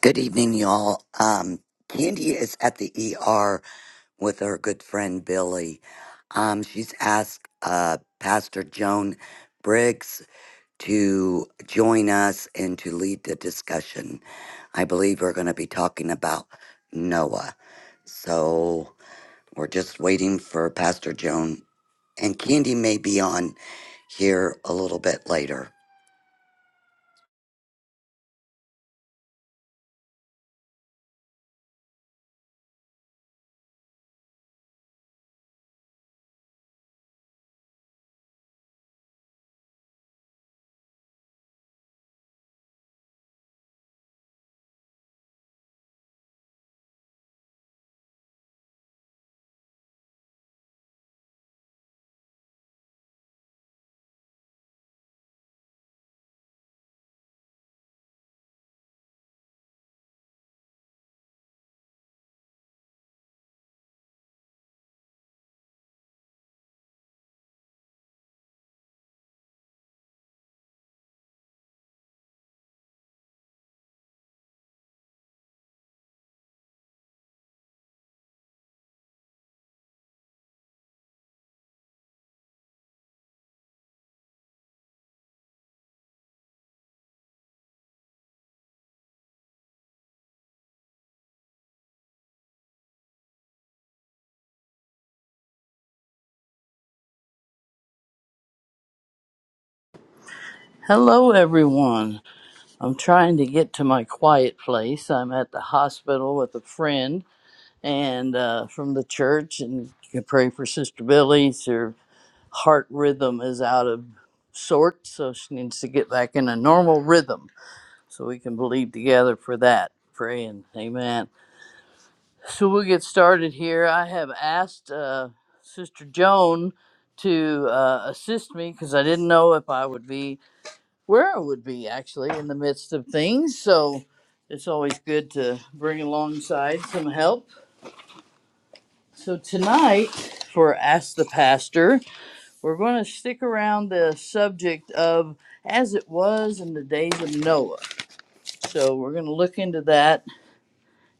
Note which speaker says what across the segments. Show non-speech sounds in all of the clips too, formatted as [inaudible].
Speaker 1: Good evening, y'all. Um, Candy is at the ER with her good friend Billy. Um, she's asked uh, Pastor Joan Briggs to join us and to lead the discussion. I believe we're going to be talking about Noah. So we're just waiting for Pastor Joan. And Candy may be on here a little bit later.
Speaker 2: Hello, everyone. I'm trying to get to my quiet place. I'm at the hospital with a friend and uh, from the church, and you can pray for Sister Billy. Her heart rhythm is out of sorts, so she needs to get back in a normal rhythm. So we can believe together for that. Praying, Amen. So we'll get started here. I have asked uh, Sister Joan to uh, assist me because I didn't know if I would be where I would be actually in the midst of things. So it's always good to bring alongside some help. So tonight, for Ask the Pastor, we're going to stick around the subject of as it was in the days of Noah. So we're going to look into that,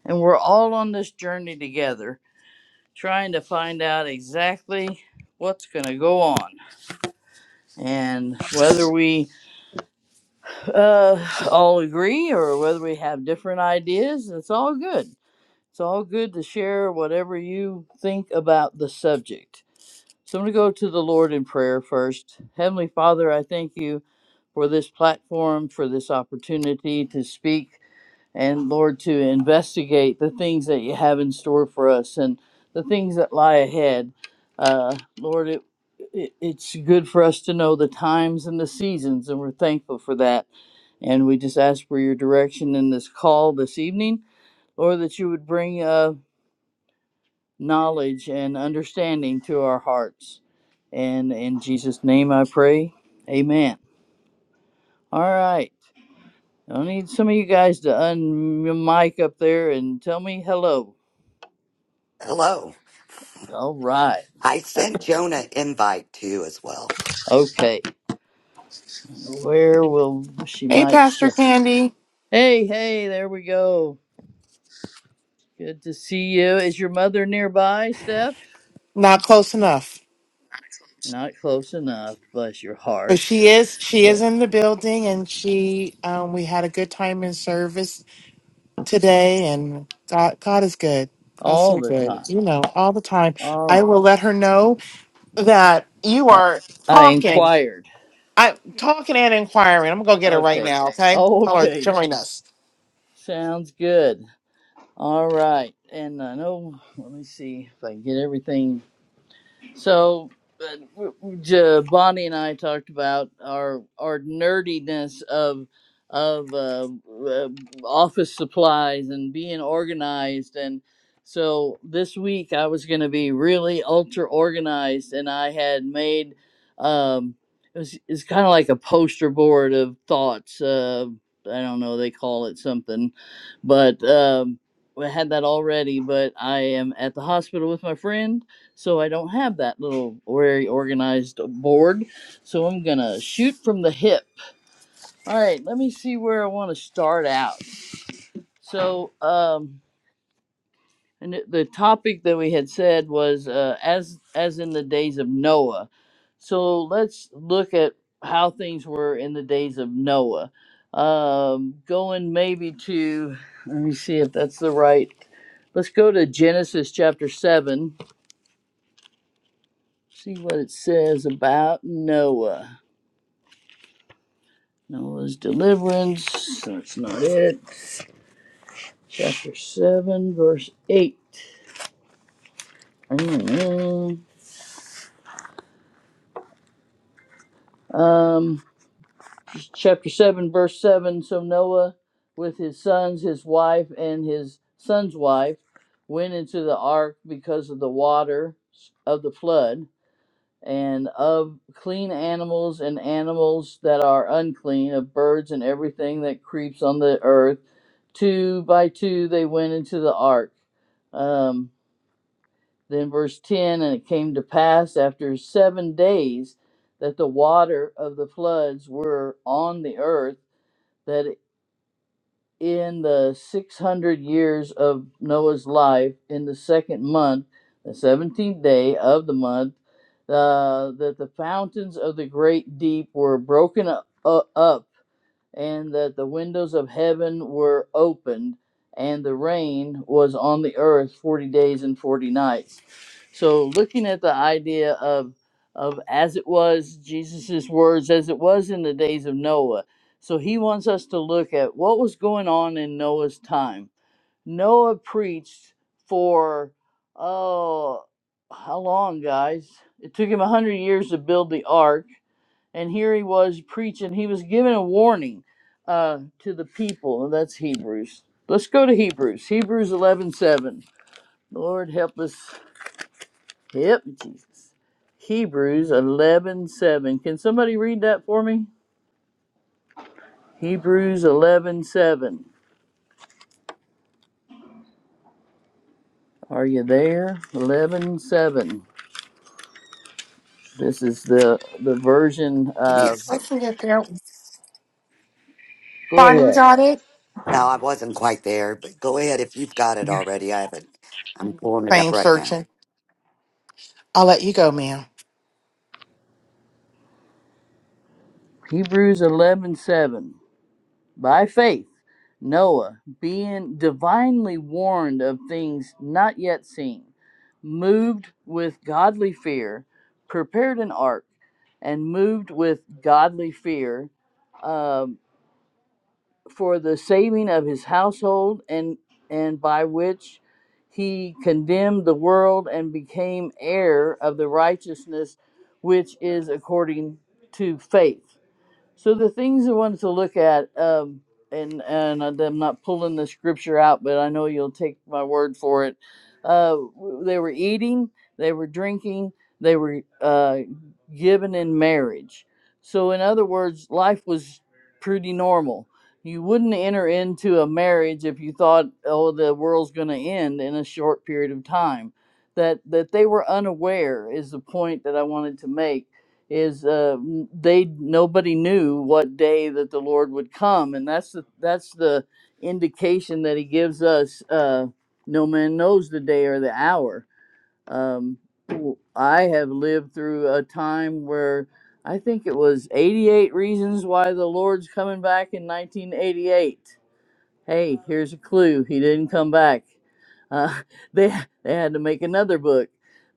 Speaker 2: and we're all on this journey together, trying to find out exactly what's going to go on and whether we uh, all agree or whether we have different ideas it's all good It's all good to share whatever you think about the subject. So I'm going to go to the Lord in prayer first. Heavenly Father, I thank you for this platform, for this opportunity to speak and, Lord, to investigate the things that you have in store for us and the things that lie ahead. Uh, Lord, it, it, it's good for us to know the times and the seasons, and we're thankful for that. And we just ask for your direction in this call this evening. Lord, that you would bring. Uh, knowledge and understanding to our hearts. And in Jesus' name I pray. Amen. All right. I need some of you guys to unmic up there and tell me hello.
Speaker 1: Hello.
Speaker 2: All right.
Speaker 1: I sent Jonah invite too as well.
Speaker 2: Okay. Where will she
Speaker 3: Hey,
Speaker 2: might
Speaker 3: Pastor
Speaker 2: sh-
Speaker 3: Candy.
Speaker 2: Hey, hey, there we go. Good to see you. Is your mother nearby, Steph?
Speaker 3: Not close enough,
Speaker 2: Not close enough. Bless your
Speaker 3: but
Speaker 2: heart.
Speaker 3: she is. She
Speaker 2: Well,
Speaker 3: is in the building, and she. Um, we had a good time in service today, and God, God is good. God's
Speaker 2: All
Speaker 3: so
Speaker 2: the
Speaker 3: good.
Speaker 2: time.
Speaker 3: You know, all the time.
Speaker 2: All
Speaker 3: I
Speaker 2: the
Speaker 3: will let her know that you
Speaker 2: time.
Speaker 3: are
Speaker 2: I
Speaker 3: talking.
Speaker 2: inquired.
Speaker 3: I talking and inquiring. I'm gonna go get her right
Speaker 2: Okay. [laughs]
Speaker 3: now. Okay,
Speaker 2: Oh,
Speaker 3: tell her
Speaker 2: okay.
Speaker 3: join us.
Speaker 2: Sounds good. All right. And I know, let me see if I can get everything so, uh, J- Bonnie and I talked about our our nerdiness of of uh, uh, office supplies and being organized and so this week I was going to be really ultra organized and I had made um it was it's kind of like a poster board of thoughts uh I don't know they call it something but um I had that already but I am at the hospital with my friend so I don't have that little very organized board. So I'm gonna shoot from the hip. All right, let me see where I want to start out. So um, and it- the topic that we had said was uh, as as in the days of Noah. So let's look at how things were in the days of Noah. Um, going maybe to let me see if that's the right. Let's go to Genesis chapter seven. See what it says about Noah. Noah's deliverance. That's not it. Chapter 7, verse 8. Mm-hmm. Um, chapter 7, verse 7. So Noah, with his sons, his wife, and his son's wife, went into the ark because of the water of the flood. and of clean animals and animals that are unclean, of birds and everything that creeps on the earth. Two by two they went into the ark. Um, then verse 10 And it came to pass after seven days that the water of the floods were on the earth. That in the 600 years of Noah's life, in the second month, the 17th day of the month, uh, that the fountains of the great deep were broken u- u- up, and that the windows of heaven were opened, and the rain was on the earth 40 days and 40 nights. So, looking at the idea of, of as it was, Jesus' words, as it was in the days of Noah. So, he wants us to look at what was going on in Noah's time. Noah preached for, oh, how long, guys? It took him 100 years to build the ark and here he was preaching. He was giving a warning uh, to the people, and that's Hebrews. Let's go to Hebrews. Hebrews eleven seven. Lord help us. Help me, Jesus. Hebrews eleven seven. Can somebody read that for me? Hebrews eleven seven. Are you there? Eleven seven. This is the the version.
Speaker 1: Give me a
Speaker 2: Of,
Speaker 1: sec.
Speaker 2: go ahead.
Speaker 1: No, I wasn't quite there, but go ahead if you've got it already. I haven't. I'm pulling it up
Speaker 3: Fame
Speaker 1: right now.
Speaker 3: searching. I'll let you go, ma'am.
Speaker 2: Hebrews eleven seven. By faith, Noah, being divinely warned of things not yet seen, moved with godly fear, prepared an ark, and moved with godly fear um, for the saving of his household, and, and by which he condemned the world and became heir of the righteousness which is according to faith. So the things I wanted to look at, um, and and I'm not pulling the scripture out, but I know you'll take my word for it. Uh, w- they were eating, they were drinking, they were uh, given in marriage. So in other words, life was pretty normal. You wouldn't enter into a marriage if you thought, oh, the world's going to end in a short period of time. That that they were unaware is the point that I wanted to make is uh, they nobody knew what day that the Lord would come, and that's the that's the indication that He gives us. Uh, no man knows the day or the hour. Um, w- I have lived through a time where I think it was 88 reasons why the Lord's coming back in 1988. Hey, here's a clue. He didn't come back. Uh, [laughs] they they had to make another book,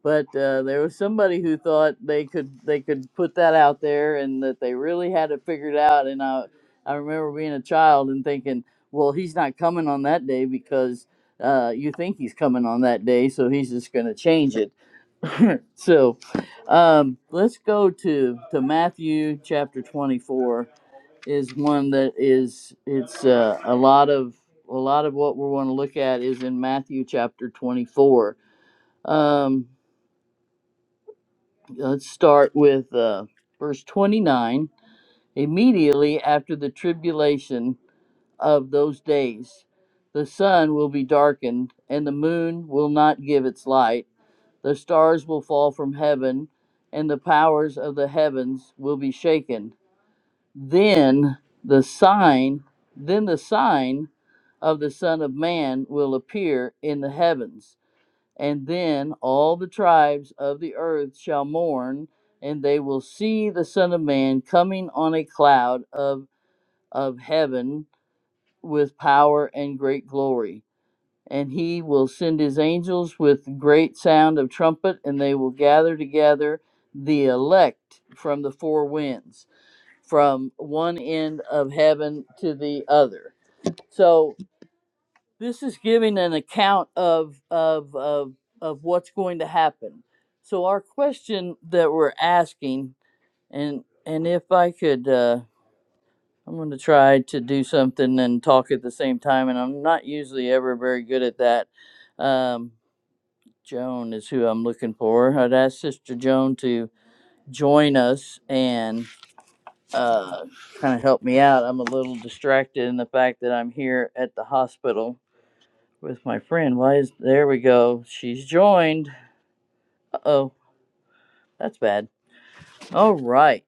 Speaker 2: but uh, there was somebody who thought they could they could put that out there and that they really had it figured out. And I I remember being a child and thinking, well, he's not coming on that day because uh, you think he's coming on that day, so he's just going to change it. [laughs] so um, let's go to to Matthew chapter 24 is one that is it's uh, a lot of a lot of what we want to look at is in Matthew chapter 24. Um, let's start with uh, verse 29. Immediately after the tribulation of those days, the sun will be darkened, and the moon will not give its light. The stars will fall from heaven, and the powers of the heavens will be shaken. then the sign then the sign of the son of man will appear in the heavens and then all the tribes of the earth shall mourn and they will see the son of man coming on a cloud of of heaven with power and great glory and he will send his angels with great sound of trumpet and they will gather together the elect from the four winds from one end of heaven to the other. So this is giving an account of of of, of what's going to happen. So our question that we're asking, and and if I could, uh, I'm going to try to do something and talk at the same time, and I'm not usually ever very good at that. Um, Joan is who I'm looking for. I'd ask Sister Joan to join us and uh, kind of help me out. I'm a little distracted in the fact that I'm here at the hospital with my friend. Why is there we go? She's joined. Uh oh, that's bad. All right,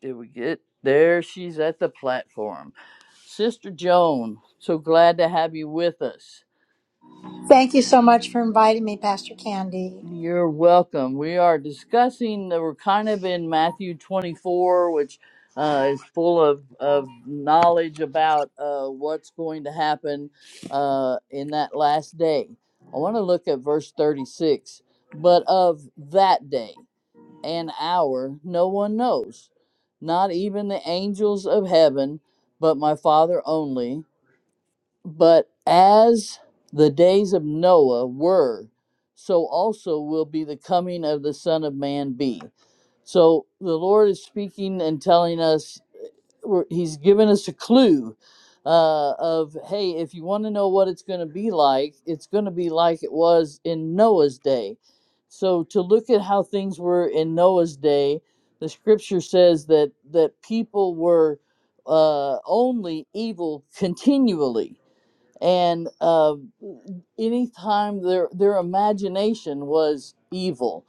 Speaker 2: did we get there? She's at the platform. Sister Joan, so glad to have you with us.
Speaker 4: Thank you so much for inviting me, Pastor Candy.
Speaker 2: You're welcome. We are discussing, we're kind of in Matthew 24, which uh, is full of, of knowledge about uh, what's going to happen uh, in that last day. I want to look at verse 36. But of that day and hour, no one knows, not even the angels of heaven, but my Father only. But as the days of Noah were, so also will be the coming of the Son of Man be. So the Lord is speaking and telling us, we're- He's given us a clue uh, of, hey, if you want to know what it's going to be like, it's going to be like it was in Noah's day. So to look at how things were in Noah's day, the scripture says that, that people were uh, only evil continually and uh, anytime their their imagination was evil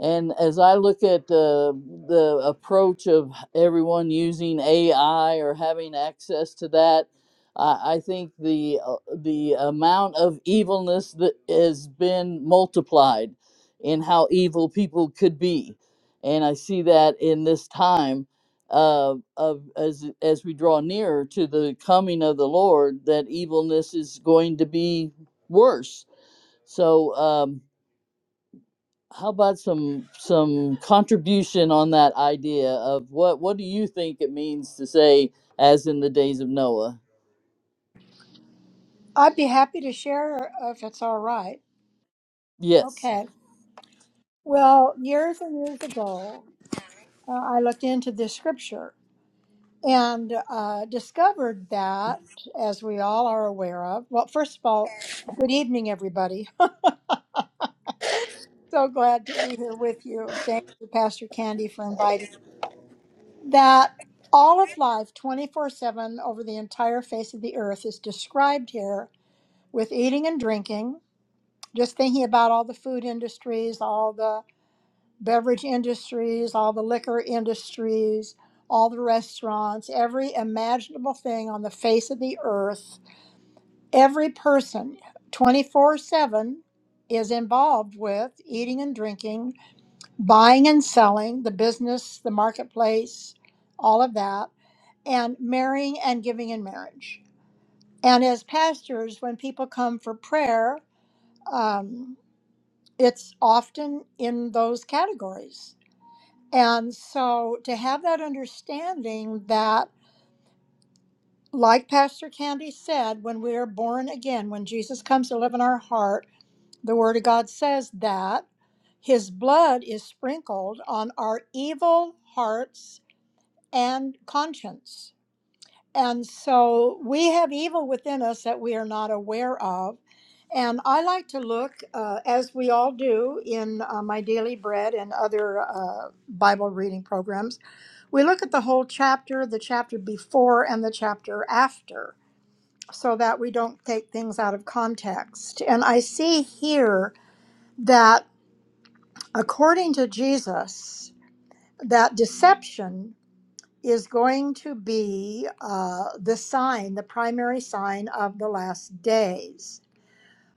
Speaker 2: and as i look at uh, the approach of everyone using ai or having access to that I i think the uh, the amount of evilness that has been multiplied in how evil people could be and i see that in this time uh, of as as we draw nearer to the coming of the Lord, that evilness is going to be worse. So, um, how about some some contribution on that idea of what what do you think it means to say, as in the days of Noah?
Speaker 4: I'd be happy to share if it's all right.
Speaker 2: Yes.
Speaker 4: Okay. Well, years and years ago, uh, I looked into this scripture and uh, discovered that, as we all are aware of, well, first of all, good evening, everybody. [laughs] so glad to be here with you. Thank you, Pastor Candy, for inviting. me. That all of life, 24 7, over the entire face of the earth, is described here with eating and drinking just thinking about all the food industries, all the beverage industries, all the liquor industries, all the restaurants, every imaginable thing on the face of the earth, every person 24 7 is involved with eating and drinking, buying and selling, the business, the marketplace, all of that, and marrying and giving in marriage. And as pastors, when people come for prayer, um, it's often in those categories. And so to have that understanding that, like Pastor Candy said, when we are born again, when Jesus comes to live in our heart, the Word of God says that His blood is sprinkled on our evil hearts and conscience. And so we have evil within us that we are not aware of. And I like to look, uh, as we all do in uh, my daily bread and other uh, Bible reading programs, we look at the whole chapter, the chapter before, and the chapter after, so that we don't take things out of context. And I see here that according to Jesus, that deception is going to be uh, the sign, the primary sign of the last days.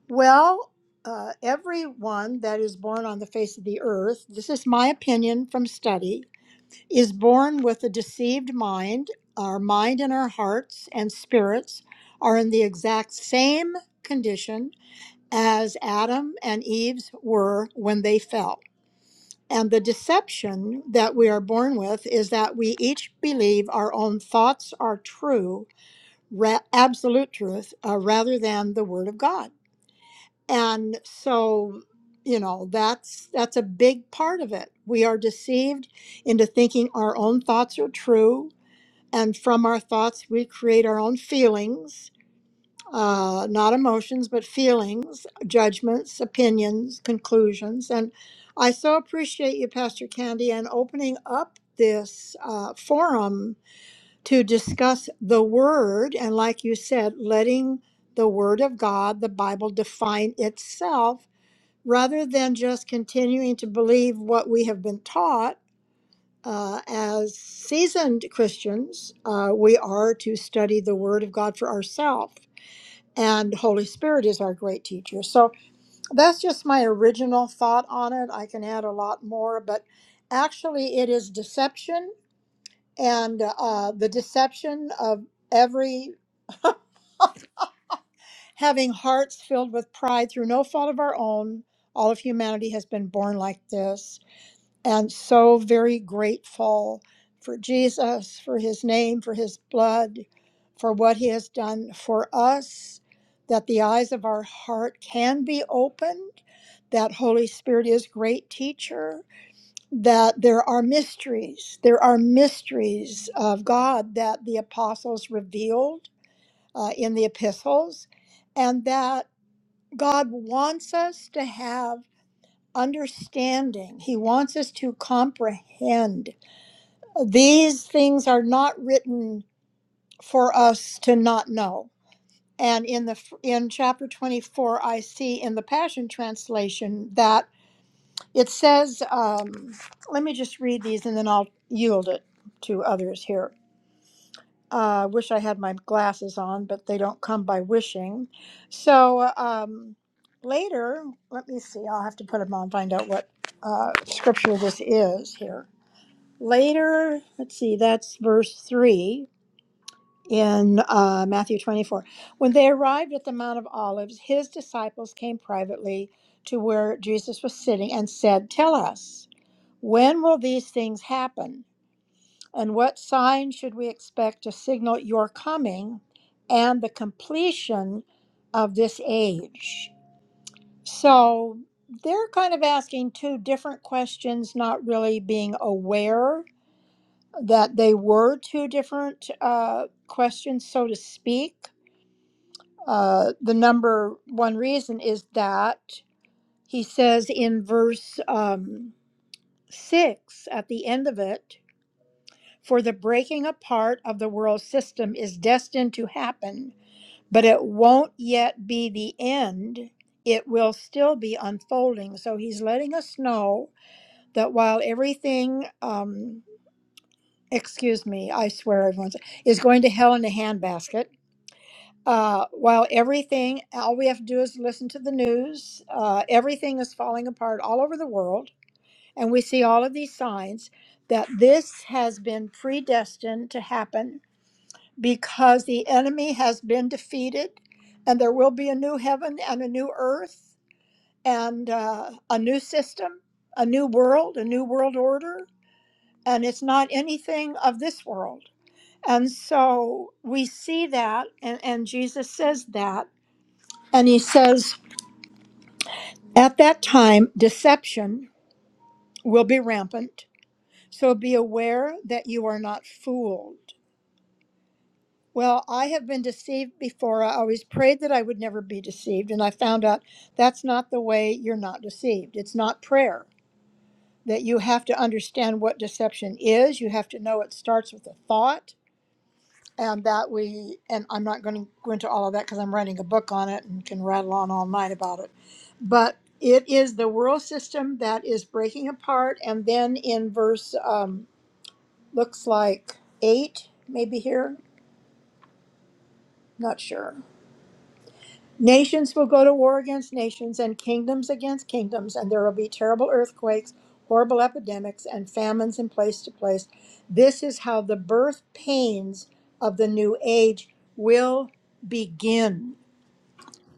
Speaker 4: Well, uh, everyone that is born on the face of the earth, this is my opinion from study, is born with a deceived mind. Our mind and our hearts and spirits are in the exact same condition as Adam and Eve's were when they fell. And the deception that we are born with is that we each believe our own thoughts are true, ra- absolute truth, uh, rather than the Word of God. And so, you know, that's that's a big part of it. We are deceived into thinking our own thoughts are true, and from our thoughts we create our own feelings, uh, not emotions, but feelings, judgments, opinions, conclusions. And I so appreciate you, Pastor Candy, and opening up this uh, forum to discuss the Word. And like you said, letting the Word of God, the Bible, define itself rather than just continuing to believe what we have been taught. Uh, as seasoned Christians, uh, we are to study the Word of God for ourselves and Holy Spirit is our great teacher. So that's just my original thought on it. I can add a lot more, but actually, it is deception and uh, the deception of every [laughs] having hearts filled with pride through no fault of our own. All of humanity has been born like this and so very grateful for Jesus, for his name, for his blood, for what he has done for us, that the eyes of our heart can be opened, that Holy Spirit is great teacher, that there are mysteries, there are mysteries of God that the apostles revealed uh, in the epistles, and that God wants us to have understanding. He wants us to comprehend these things are not written for us to not know and in the in chapter 24 i see in the passion translation that it says um, let me just read these and then i'll yield it to others here i uh, wish i had my glasses on but they don't come by wishing so um, later let me see i'll have to put them on find out what uh, scripture this is here later let's see that's verse 3 in uh, Matthew 24. When they arrived at the Mount of Olives, his disciples came privately to where Jesus was sitting and said, Tell us, when will these things happen? And what sign should we expect to signal your coming and the completion of this age? So they're kind of asking two different questions, not really being aware that they were two different uh, questions, so to speak Uh, the number one reason is that he says in verse um, six at the end of it, for the breaking apart of the world system is destined to happen, but it won't yet be the end. It will still be unfolding. So he's letting us know that while everything, um, excuse me, I swear everyone's, is going to hell in a handbasket uh, while everything, all we have to do is listen to the news. Uh, everything is falling apart all over the world. And we see all of these signs that this has been predestined to happen because the enemy has been defeated and there will be a new heaven and a new earth and uh, a new system, a new world, a new world order. And it's not anything of this world. And so we see that, and, and Jesus says that. And he says, At that time, deception will be rampant. So be aware that you are not fooled. Well, I have been deceived before. I always prayed that I would never be deceived. And I found out that's not the way you're not deceived. It's not prayer, that you have to understand what deception is. You have to know it starts with a thought and that we and i'm not going to go into all of that because i'm writing a book on it and can rattle on all night about it but it is the world system that is breaking apart and then in verse um, looks like eight maybe here not sure nations will go to war against nations and kingdoms against kingdoms and there will be terrible earthquakes horrible epidemics and famines in place to place this is how the birth pains of the new age will begin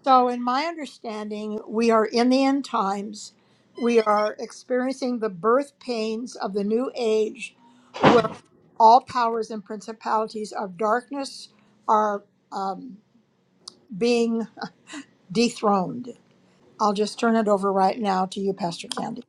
Speaker 4: So, in my understanding, we are in the end times. We are experiencing the birth pains of the new age where all powers and principalities of darkness are um, being dethroned. I'll just turn it over right now to you, Pastor Candy.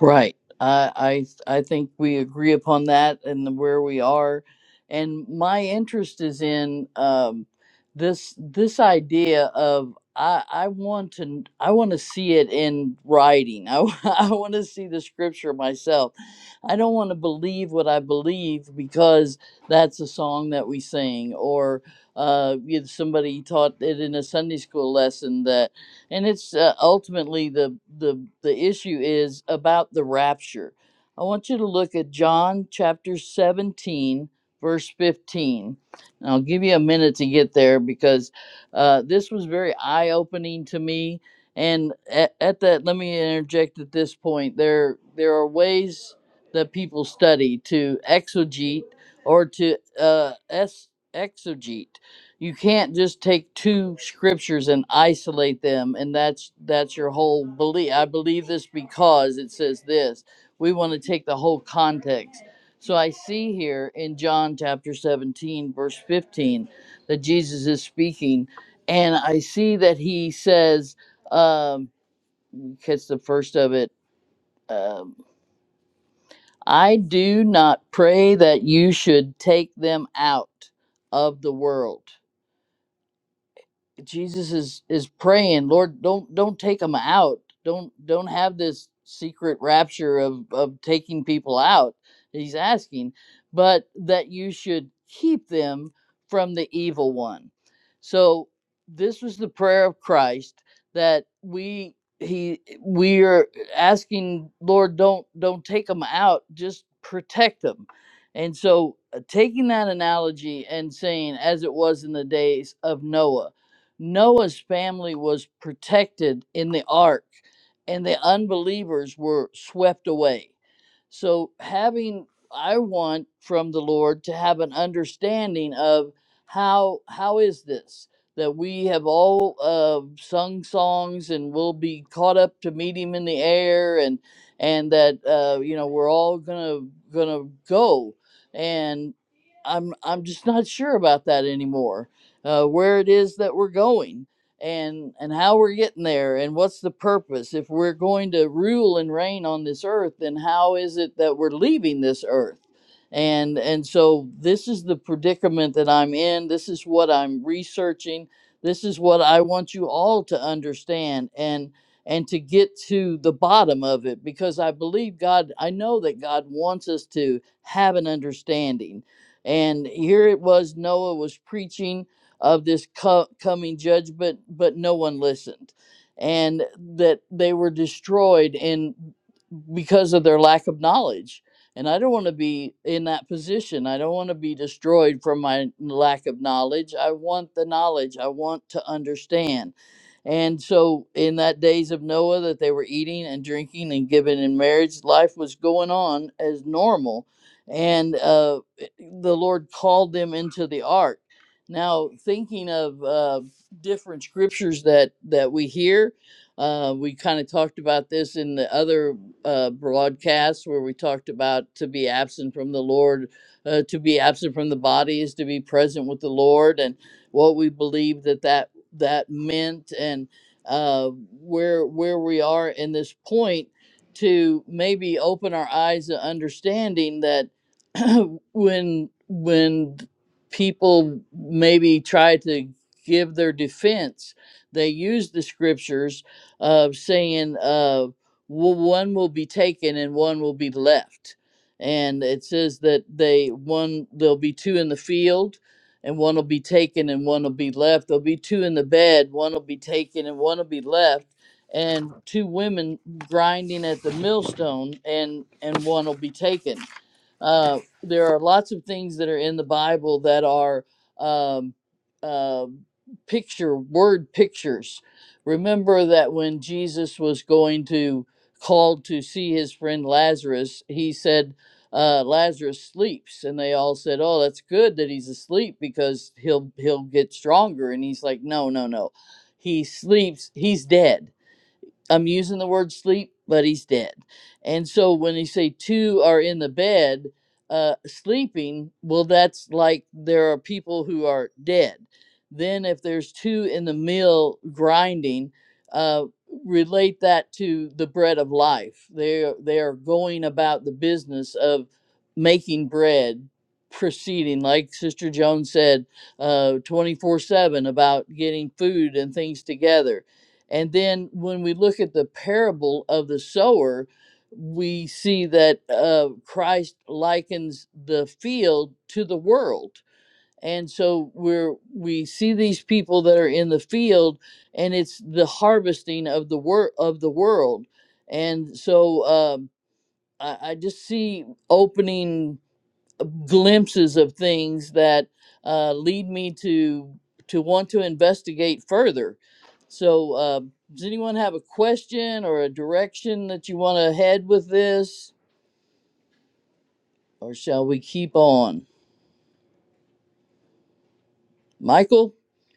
Speaker 2: Right. I I I think we agree upon that and where we are. And my interest is in um, this this idea of I I want to I want to see it in writing. I [laughs] I want to see the scripture myself. I don't want to believe what I believe because that's a song that we sing or uh, you somebody taught it in a Sunday school lesson that and it's uh, ultimately the the the issue is about the rapture. I want you to look at John chapter 17 verse 15. And I'll give you a minute to get there because uh, this was very eye-opening to me and at, at that let me interject at this point there there are ways that people study to exegete or to uh, es- exegete you can't just take two scriptures and isolate them and that's that's your whole belief i believe this because it says this we want to take the whole context so i see here in john chapter 17 verse 15 that jesus is speaking and i see that he says um catch the first of it um, i do not pray that you should take them out of the world Jesus is is praying, Lord, don't don't take them out. Don't don't have this secret rapture of of taking people out. He's asking, but that you should keep them from the evil one. So this was the prayer of Christ that we he we are asking Lord don't don't take them out just protect them and so uh, taking that analogy and saying as it was in the days of Noah Noah's family was protected in the ark, and the unbelievers were swept away. So, having I want from the Lord to have an understanding of how how is this that we have all uh, sung songs and will be caught up to meet Him in the air, and and that uh, you know we're all gonna gonna go, and I'm I'm just not sure about that anymore uh, where it is that we're going and and how we're getting there and what's the purpose if we're going to rule and reign on this earth then how is it that we're leaving this earth and and so this is the predicament that I'm in this is what I'm researching this is what I want you all to understand and and to get to the bottom of it because I believe God I know that God wants us to have an understanding and here it was Noah was preaching of this co- coming judgment, but no one listened, and that they were destroyed in because of their lack of knowledge. And I don't want to be in that position. I don't want to be destroyed from my lack of knowledge. I want the knowledge. I want to understand. And so, in that days of Noah, that they were eating and drinking and giving in marriage, life was going on as normal. And uh, the Lord called them into the ark now, thinking of uh, different scriptures that that we hear, uh, we kind of talked about this in the other uh, broadcasts where we talked about to be absent from the Lord, uh, to be absent from the body is to be present with the Lord, and what we believe that that that meant, and uh, where where we are in this point to maybe open our eyes to understanding that [clears throat] when when people maybe try to give their defense. They use the scriptures of saying, uh, "Wo- one will be taken and one will be left. And it says that they one there'll be two in the field and one will be taken and one will be left. There'll be two in the bed, one will be taken and one will be left. And two women grinding at the millstone and and one will be taken Uh, there are lots of things that are in the Bible that are um, uh, picture word pictures. Remember that when Jesus was going to called to see his friend Lazarus, he said, uh, "Lazarus sleeps," and they all said, "Oh, that's good that he's asleep because he'll he'll get stronger." And he's like, "No, no, no, he sleeps. He's dead." I'm using the word sleep, but he's dead. And so when they say two are in the bed, uh, sleeping, well, that's like there are people who are dead. Then if there's two in the mill grinding, uh, relate that to the bread of life. They are- they are going about the business of making bread, proceeding like Sister Joan said, twenty four seven about getting food and things together and then when we look at the parable of the sower, we see that uh, Christ likens the field to the world. And so we're we see these people that are in the field, and it's the harvesting of the wor- of the world. And so um, I, I just see opening glimpses of things that uh, lead me to to want to investigate further. So, uh, does anyone have a question or a direction that you want to head with this, or shall we keep on? Michael,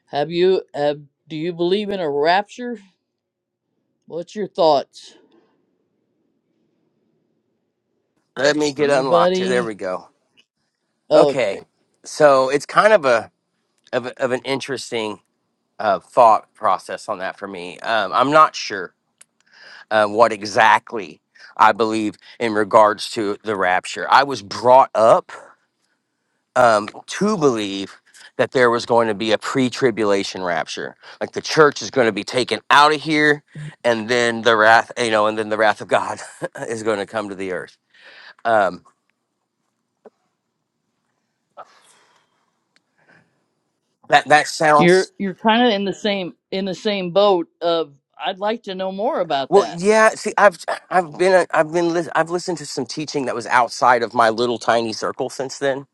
Speaker 2: have you have, do you believe in a rapture? What's your thoughts?
Speaker 5: Let me get unlocked here. There
Speaker 2: Anybody?
Speaker 5: we go.
Speaker 2: Oh,
Speaker 5: Okay,
Speaker 2: okay.
Speaker 5: so it's kind of a of, a- of an interesting uh, thought process on that for me. Um, I'm not sure uh, what exactly I believe in regards to the rapture. I was brought up um, to believe that there was going to be a pre-tribulation rapture, like the church is going to be taken out of here, and then the wrath, you know, and then the wrath of God [laughs] is going to come to the earth. Um, that that sounds
Speaker 2: you're you're kind of in the same in the same boat of I'd like to know more about
Speaker 5: Well,
Speaker 2: that.
Speaker 5: yeah. See, I've I've been I've been lis- I've listened to some teaching that was outside of my little tiny circle since then,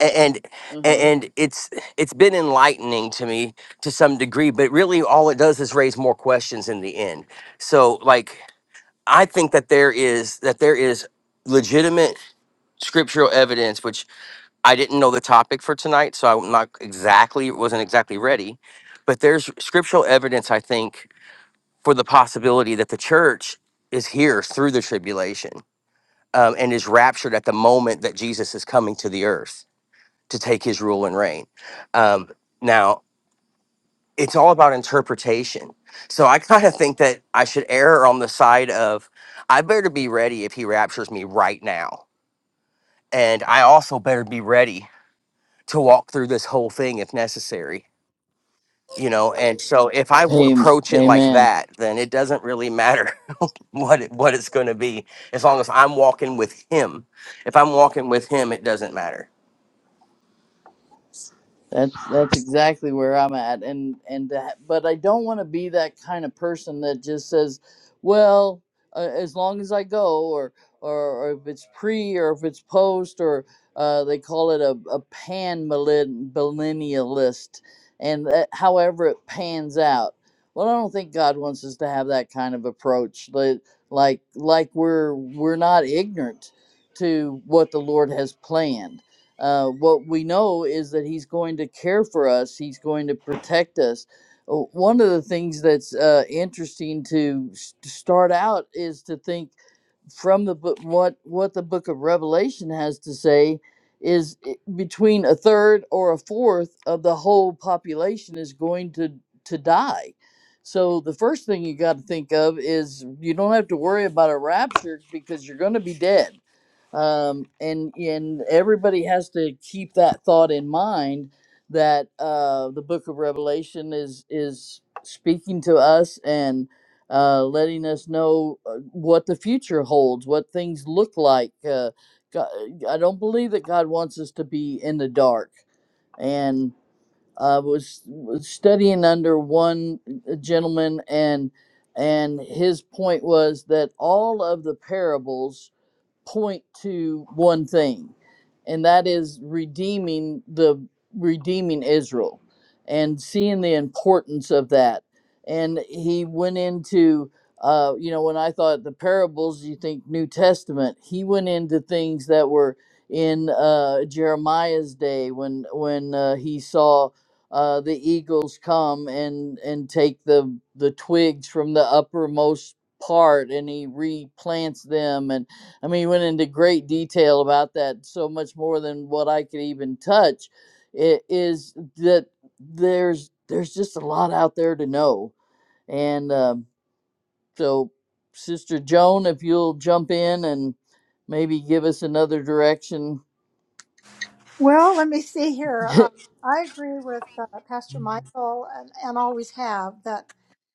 Speaker 5: A- and
Speaker 2: Uh-huh.
Speaker 5: and it's it's been enlightening to me to some degree. But really, all it does is raise more questions in the end. So, like, I think that there is that there is legitimate scriptural evidence, which I didn't know the topic for tonight, so I'm not exactly wasn't exactly ready. But there's scriptural evidence, I think, for the possibility that the church is here through the tribulation um, and is raptured at the moment that Jesus is coming to the earth to take his rule and reign. Um, now, it's all about interpretation. So I kind of think that I should err on the side of I better be ready if he raptures me right now. And I also better be ready to walk through this whole thing if necessary. You know, and so if I w-
Speaker 2: Amen.
Speaker 5: approach it like
Speaker 2: Amen.
Speaker 5: that, then it doesn't really matter [laughs] what it, what it's going to be as long as i'm walking with him if i'm walking with him it doesn't matter
Speaker 2: That's that's exactly where I'm at, and and that, but I don't want to be that kind of person that just says, well, uh, as long as I go, or or, or if it's pre or if it's post, or uh, they call it a a pan millen- millennialist, and that, however it pans out. Well, I don't think God wants us to have that kind of approach, like like like we're we're not ignorant to what the Lord has planned uh, what we know is that he's going to care for us. He's going to protect us. Uh, One of the things that's uh, interesting to s- to start out is to think from the book what what the book of Revelation has to say is i- between a third or a fourth of the whole population is going to to die. So the first thing you got to think of is you don't have to worry about a rapture because you're going to be dead um, and and everybody has to keep that thought in mind that uh, the Book of Revelation is is speaking to us and uh, letting us know uh, what the future holds, what things look like. Uh, God, I don't believe that God wants us to be in the dark. And I was, was studying under one uh, gentleman and and his point was that all of the parables point to one thing, and that is redeeming the redeeming Israel and seeing the importance of that. And he went into, uh, you know, when I thought the parables, you think New Testament, he went into things that were in uh, Jeremiah's day when when uh, he saw uh, the eagles come and and take the the twigs from the uppermost part and he replants them and. I mean, he went into great detail about that, so much more than what I could even touch. It is that there's there's just a lot out there to know, and um, so Sister Joan, if you'll jump in and maybe give us another direction,
Speaker 4: Well, let me see here.
Speaker 2: [laughs]
Speaker 4: Uh, I agree with uh, Pastor Michael and, and always have that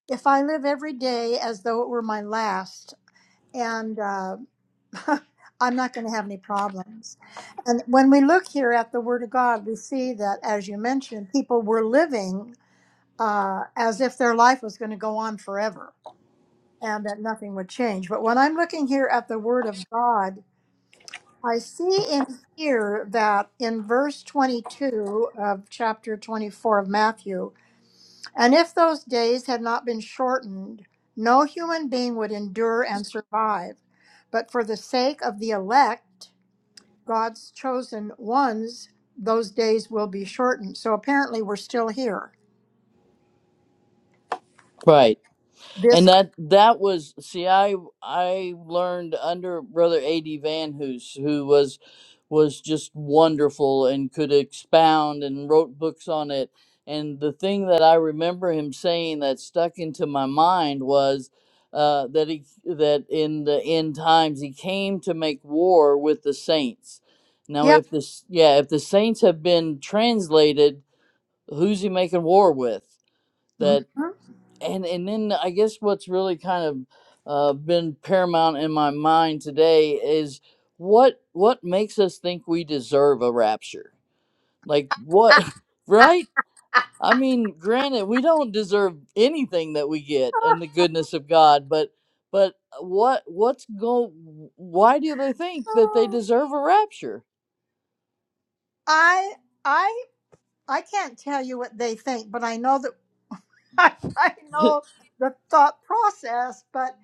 Speaker 4: if I live every day as though it were my last, and. uh, [laughs] I'm not going to have any problems. And when we look here at the Word of God, we see that, as you mentioned, people were living uh, as if their life was going to go on forever and that nothing would change. But when I'm looking here at the Word of God, I see in here that in verse 22 of chapter 24 of Matthew, and if those days had not been shortened, no human being would endure and survive. But for the sake of the elect, God's chosen ones, those days will be shortened. So apparently, we're still here.
Speaker 2: right? And
Speaker 4: This,
Speaker 2: that that was see I I learned under brother A.D. Van Hoos who was was just wonderful and could expound and wrote books on it and the thing that I remember him saying that stuck into my mind was uh, that he that in the end times he came to make war with the saints. Now
Speaker 4: yeah.
Speaker 2: if this yeah if the saints have been translated who's he making war with? That
Speaker 4: Mhm.
Speaker 2: and and then I guess what's really kind of uh, been paramount in my mind today is what what makes us think we deserve a rapture? Like what, [laughs] right? I mean, granted, we don't deserve anything that we get in the goodness of God, but but what what's go? Why do they think that they deserve a rapture?
Speaker 4: I, I, I can't tell you what they think, but I know that [laughs] I
Speaker 2: [laughs]
Speaker 4: know the thought process. But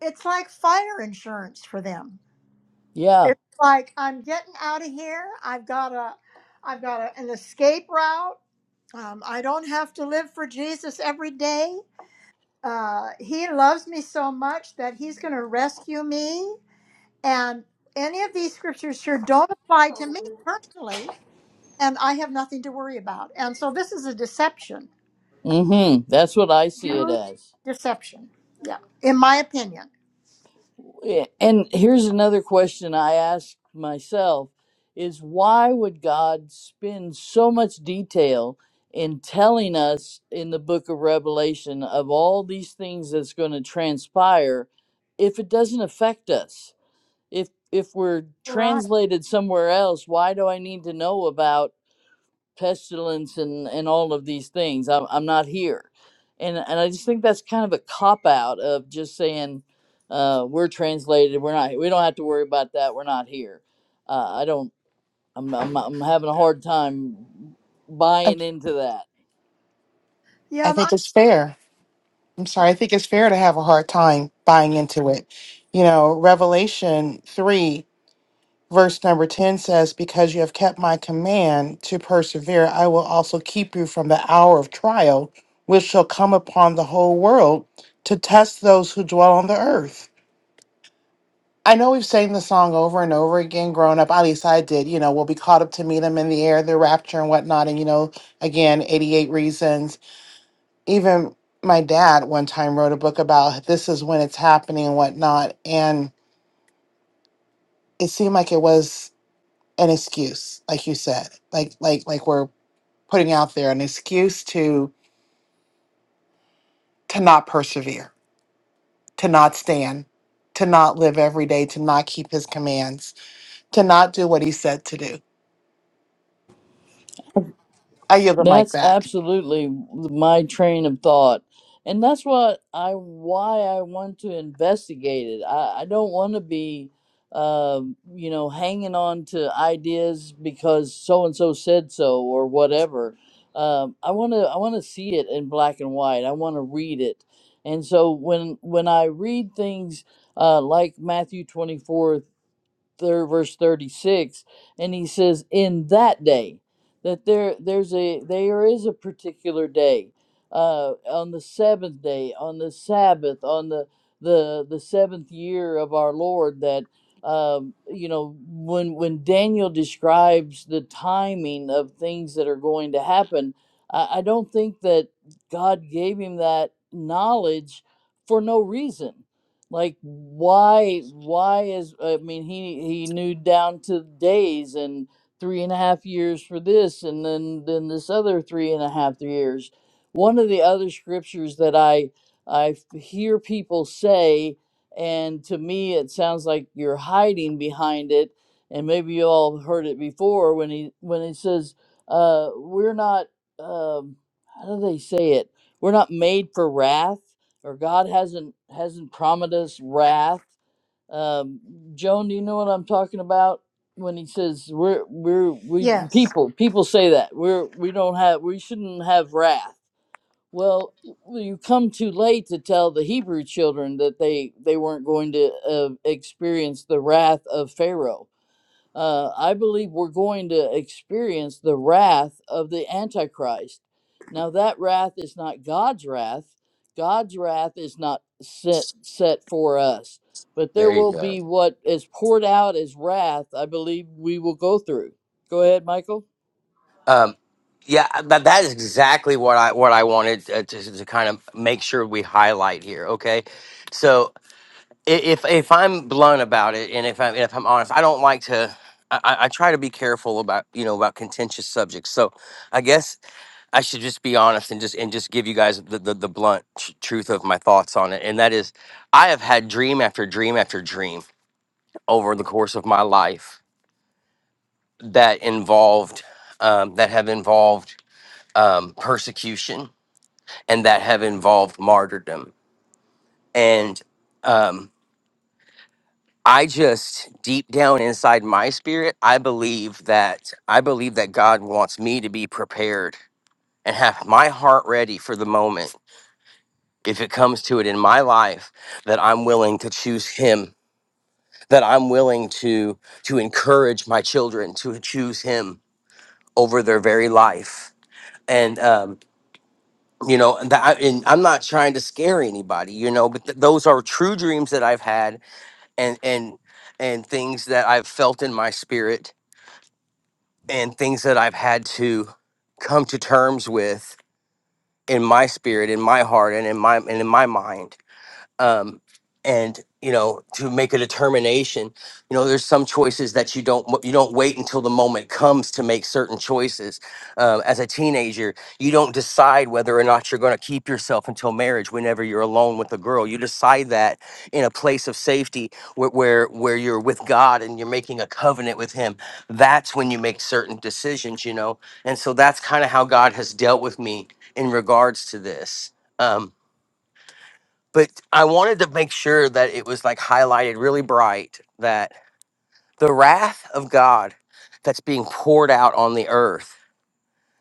Speaker 4: it's like fire insurance for them.
Speaker 2: Yeah.
Speaker 4: It's like I'm getting out of here. I've got a, I've got a, an escape route. Um, I don't have to live for Jesus every day. uh, he loves me so much that he's going to rescue me. And any of these scriptures here don't apply to me personally, and I have nothing to worry about. And so this is a deception,
Speaker 2: Mm-hmm. That's what I see it
Speaker 4: huge
Speaker 2: as.
Speaker 4: deception. Yeah, in my opinion.
Speaker 2: Yeah, And here's another question I ask myself is why would God spend so much detail in telling us in the book of Revelation of all these things that's going to transpire if it doesn't affect us? If if we're
Speaker 4: Right.
Speaker 2: translated somewhere else, why do I need to know about pestilence and and all of these things i'm, I'm not here and and i just think that's kind of a cop out of just saying uh, we're translated we're not we don't have to worry about that we're not here uh, i don't I'm, I'm i'm having a hard time buying into that
Speaker 4: Yeah.
Speaker 3: I
Speaker 4: and I,
Speaker 3: think it's fair. I'm
Speaker 4: uh,
Speaker 3: sorry, I think it's fair to have a hard time buying into it. You know, Revelation 3, verse number 10 says, Because you have kept my command to persevere, I will also keep you from the hour of trial, which shall come upon the whole world to test those who dwell on the earth. I know we've sang the song over and over again growing up. At least I did. You know, we'll be caught up to meet him in the air, the rapture and whatnot. And, you know, again, 88 reasons even my dad one time wrote a book about this is when it's happening and whatnot and it seemed like it was an excuse like you said like like like we're putting out there an excuse to to not persevere to not stand to not live every day to not keep his commands to not do what he said to do i yield the mic
Speaker 2: That's
Speaker 3: back
Speaker 2: absolutely my train of thought. And that's what I why I want to investigate it. I, I don't want to be uh, you know, hanging on to ideas because so and so said so or whatever. Um, I want to I want to see it in black and white. I want to read it. And so when when I read things uh, like Matthew 24:33 third verse 36 and he says in that day that there there's a there is a particular day uh on the seventh day on the sabbath on the the the seventh year of our lord that um you know when when daniel describes the timing of things that are going to happen i, I don't think that god gave him that knowledge for no reason like why why is i mean he he knew down to days and three and a half years for this and then then this other three and a half years one of the other scriptures that i i f- hear people say and to me it sounds like you're hiding behind it and maybe you all have heard it before when he when he says uh we're not um how do they say it we're not made for wrath or God hasn't hasn't promised us wrath. Um, Joan, do you know what I'm talking about when he says we're we're we
Speaker 4: yes.
Speaker 2: people people say that we're we don't have we shouldn't have wrath. Well, you come too late to tell the Hebrew children that they they weren't going to uh, experience the wrath of Pharaoh uh, I believe we're going to experience the wrath of the Antichrist. Now, that wrath is not God's wrath. God's wrath is not set, set for us, but there
Speaker 5: there you
Speaker 2: will
Speaker 5: go
Speaker 2: be what is poured out as wrath, I believe we will go through. Go ahead, Michael.
Speaker 5: um yeah but that is exactly what i what i wanted uh, to, to kind of make sure we highlight here okay so i- if if i'm blunt about it and if i'm if i'm honest i don't like to I, I I try to be careful about you know about contentious subjects so i guess I should just be honest and just and just give you guys the the, the blunt tr- truth of my thoughts on it, and that is, I have had dream after dream after dream over the course of my life that involved um, that have involved um, persecution and that have involved martyrdom, and um, I just deep down inside my spirit, I believe that I believe that God wants me to be prepared and have my heart ready for the moment if it comes to it in my life that i'm willing to choose him that i'm willing to to encourage my children to choose him over their very life and um you know and, that I, and i'm not trying to scare anybody you know but th- those are true dreams that i've had and and and things that i've felt in my spirit and things that i've had to come to terms with in my spirit in my heart and in my and in my mind um, and you know to make a determination you know there's some choices that you don't you don't wait until the moment comes to make certain choices um, as a teenager you don't decide whether or not you're going to keep yourself until marriage whenever you're alone with a girl you decide that in a place of safety where where, where you're with god and you're making a covenant with him that's when you make certain decisions you know and so that's kind of how god has dealt with me in regards to this Um but I wanted to make sure that it was like highlighted really bright that the wrath of God that's being poured out on the earth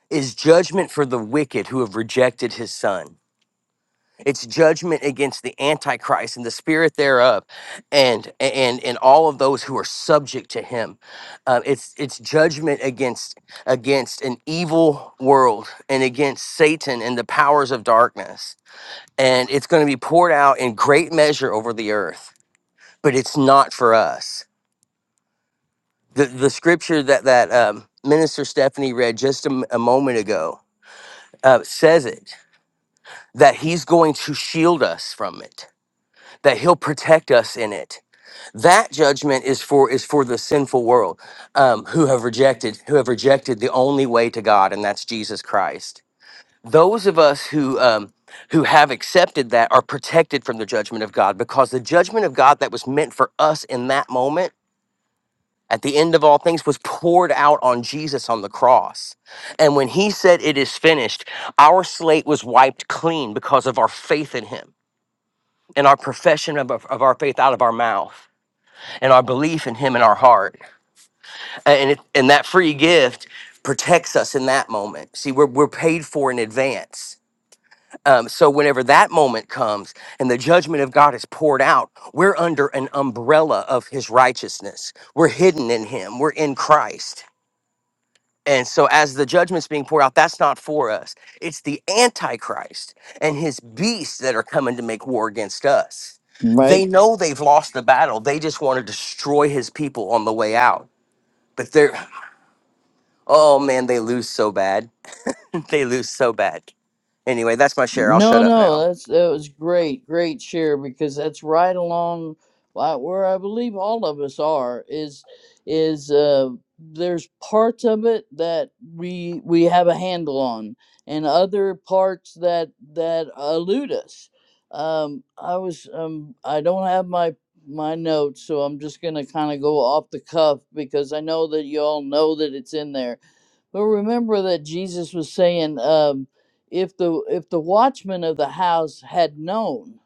Speaker 5: is judgment for the wicked who have rejected his son. It's judgment against the antichrist and the spirit thereof and and and all of those who are subject to him. Uh, it's it's judgment against against an evil world and against Satan and the powers of darkness. And it's going to be poured out in great measure over the earth but it's not for us. The the scripture that that um, minister Stephanie read just a, m- a moment ago uh, says it that he's going to shield us from it, that he'll protect us in it. That judgment is for is for the sinful world um, who have rejected who have rejected the only way to God, and that's Jesus Christ. Those of us who um, who have accepted that are protected from the judgment of God because the judgment of God that was meant for us in that moment at the end of all things was poured out on Jesus on the cross. And when he said, It is finished, our slate was wiped clean because of our faith in him and our profession of, of our faith out of our mouth and our belief in him in our heart. And, it, and that free gift protects us in that moment. See, we're, we're paid for in advance. Um, so whenever that moment comes and the judgment of God is poured out, we're under an umbrella of his righteousness. We're hidden in him. We're in Christ And so, as the judgment's being poured out, that's not for us. It's the Antichrist and his beasts that are coming to make war against us.
Speaker 2: Right.
Speaker 5: They know they've lost the battle. They just want to destroy his people on the way out. But they're, oh man, they lose so bad. [laughs] They lose so bad. Anyway, that's my share. I'll
Speaker 2: No,
Speaker 5: shut up
Speaker 2: no,
Speaker 5: now.
Speaker 2: that's that was great, great share because that's right along why- where I believe all of us are is is uh, there's parts of it that we we have a handle on and other parts that that elude us. Um, I was um, I don't have my my notes, so I'm just gonna kind of go off the cuff because I know that you all know that it's in there but remember that Jesus was saying, um, if the if the watchman of the house had known,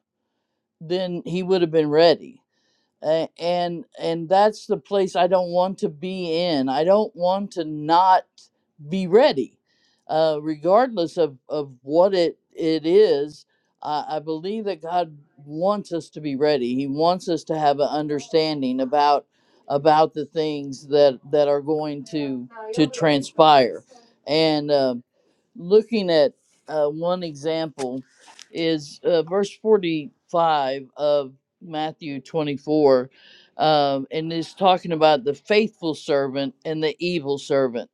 Speaker 2: then he would have been ready. A- and and that's the place I don't want to be in. I don't want to not be ready, uh, regardless of of what it it is. I, I believe that God wants us to be ready. He wants us to have an understanding about about the things that that are going to to transpire, and. uh, looking at uh, one example is uh, verse 45 of Matthew 24, um, and is talking about the faithful servant and the evil servant.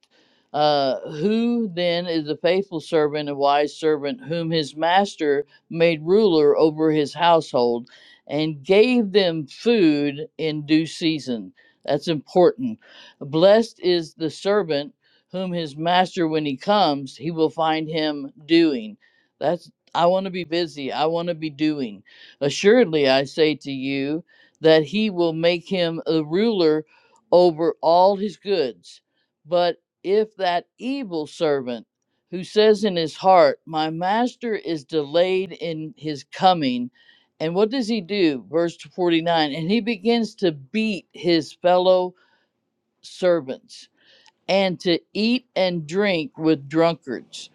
Speaker 2: Uh, who then is a faithful servant and wise servant whom his master made ruler over his household and gave them food in due season? That's important. Blessed is the servant whom his master when he comes he will find him doing that's i want to be busy i want to be doing assuredly i say to you that he will make him a ruler over all his goods but if that evil servant who says in his heart my master is delayed in his coming and what does he do verse 49 and he begins to beat his fellow servants and to eat and drink with drunkards.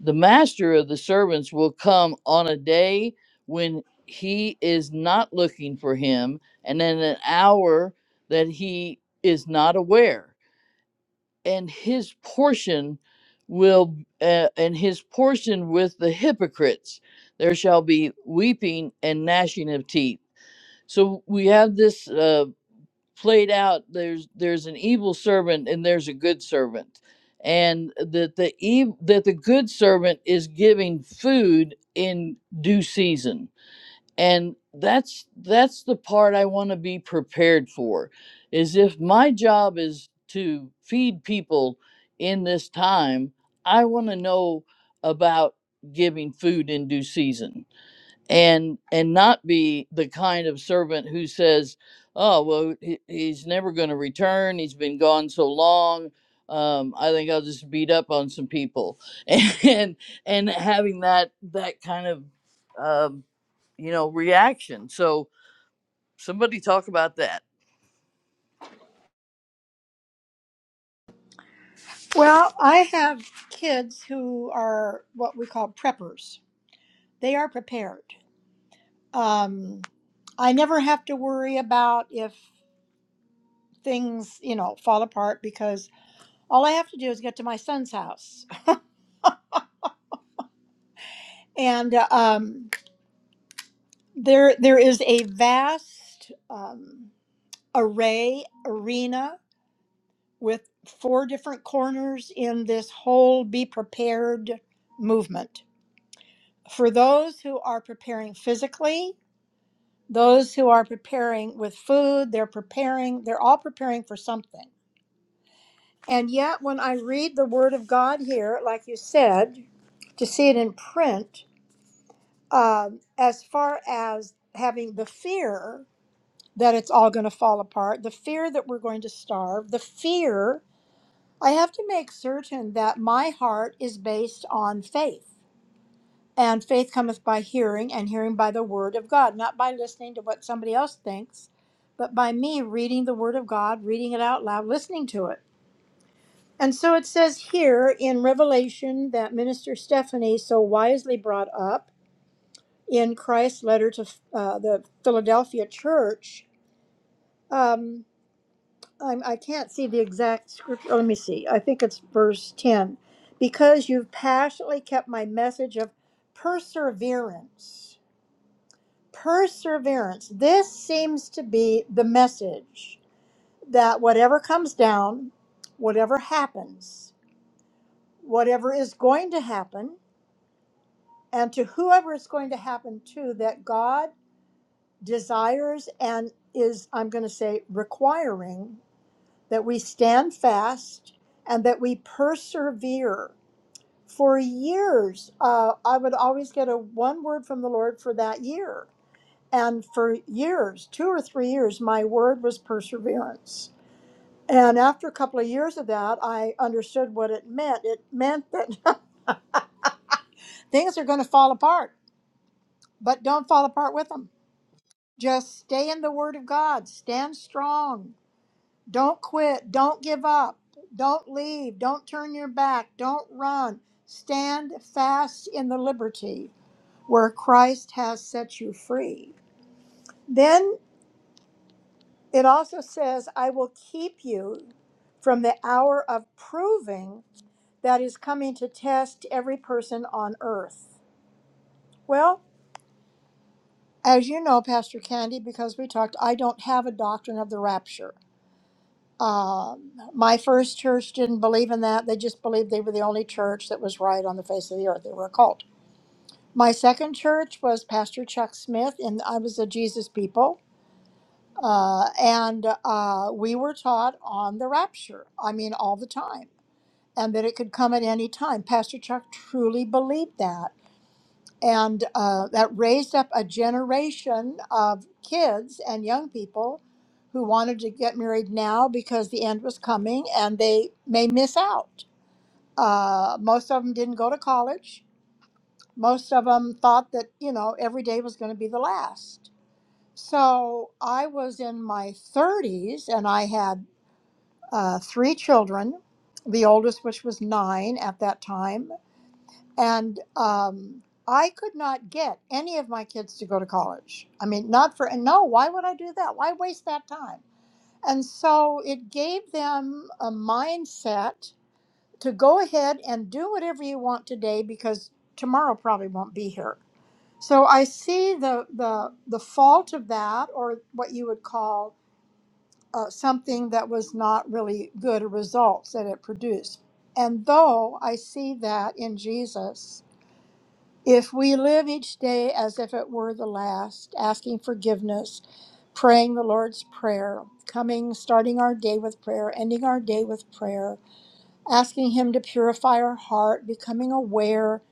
Speaker 2: The master of the servants will come on a day when he is not looking for him, and in an hour that he is not aware. And his portion will, uh, and his portion with the hypocrites, there shall be weeping and gnashing of teeth. So we have this. Uh, played out there's there's an evil servant and there's a good servant and that the ev- that the good servant is giving food in due season and that's that's the part i want to be prepared for is if my job is to feed people in this time i want to know about giving food in due season and and not be the kind of servant who says oh well he, he's never going to return he's been gone so long um, i think i'll just beat up on some people [laughs] and and having that that kind of um, you know reaction so somebody talk about that
Speaker 4: Well, I have kids who are what we call preppers. They are prepared. Um, I never have to worry about if things, you know, fall apart because all I have to do is get to my son's house. And uh, um, there, there is a vast um, array arena with four different corners in this whole "Be Prepared" movement. For those who are preparing physically, those who are preparing with food, they're preparing. They're all preparing for something And yet, when I read the Word of God here, like you said, to see it in print, um, as far as having the fear that it's all going to fall apart, the fear that we're going to starve, the fear, I have to make certain that my heart is based on faith. And faith cometh by hearing, and hearing by the Word of God, not by listening to what somebody else thinks, but by me reading the Word of God, reading it out loud, listening to it And so it says here in Revelation that Minister Stephanie so wisely brought up in Christ's letter to uh, the Philadelphia church. Um, I'm, I can't see the exact scripture. oh, Let me see. I think it's verse 10. Because you've passionately kept my message of perseverance. Perseverance. This seems to be the message that whatever comes down, whatever happens, whatever is going to happen, and to whoever it's going to happen to that God desires and is, I'm going to say, requiring that we stand fast and that we persevere. For years, uh, I would always get a one word from the Lord for that year. And for years, two or three years, my word was perseverance. And after a couple of years of that, I understood what it meant. It meant that [laughs] things are going to fall apart, but don't fall apart with them Just stay in the Word of God. Stand strong. Don't quit. Don't give up. Don't leave. Don't turn your back. Don't run. Stand fast in the liberty where Christ has set you free. Then it also says, I will keep you from the hour of proving that is coming to test every person on earth. Well, as you know, Pastor Candy, because we talked, I don't have a doctrine of the rapture. Um, my first church didn't believe in that. They just believed they were the only church that was right on the face of the earth. They were a cult. My second church was Pastor Chuck Smith, and I was a Jesus people. Uh, and uh, we were taught on the rapture, I mean, all the time, and that it could come at any time. Pastor Chuck truly believed that and uh, that raised up a generation of kids and young people who wanted to get married now because the end was coming and they may miss out. Uh, most of them didn't go to college. Most of them thought that, you know, every day was going to be the last. So I was in my 30s and I had uh, three children, the oldest, which was nine at that time and um, I could not get any of my kids to go to college. I mean, not for and no. Why would I do that? Why waste that time? And so it gave them a mindset to go ahead and do whatever you want today because tomorrow probably won't be here. So I see the the the fault of that, or what you would call uh, something that was not really good results that it produced. And though I see that in Jesus. If we live each day as if it were the last, asking forgiveness, praying the Lord's Prayer, coming, starting our day with prayer, ending our day with prayer, asking Him to purify our heart, becoming aware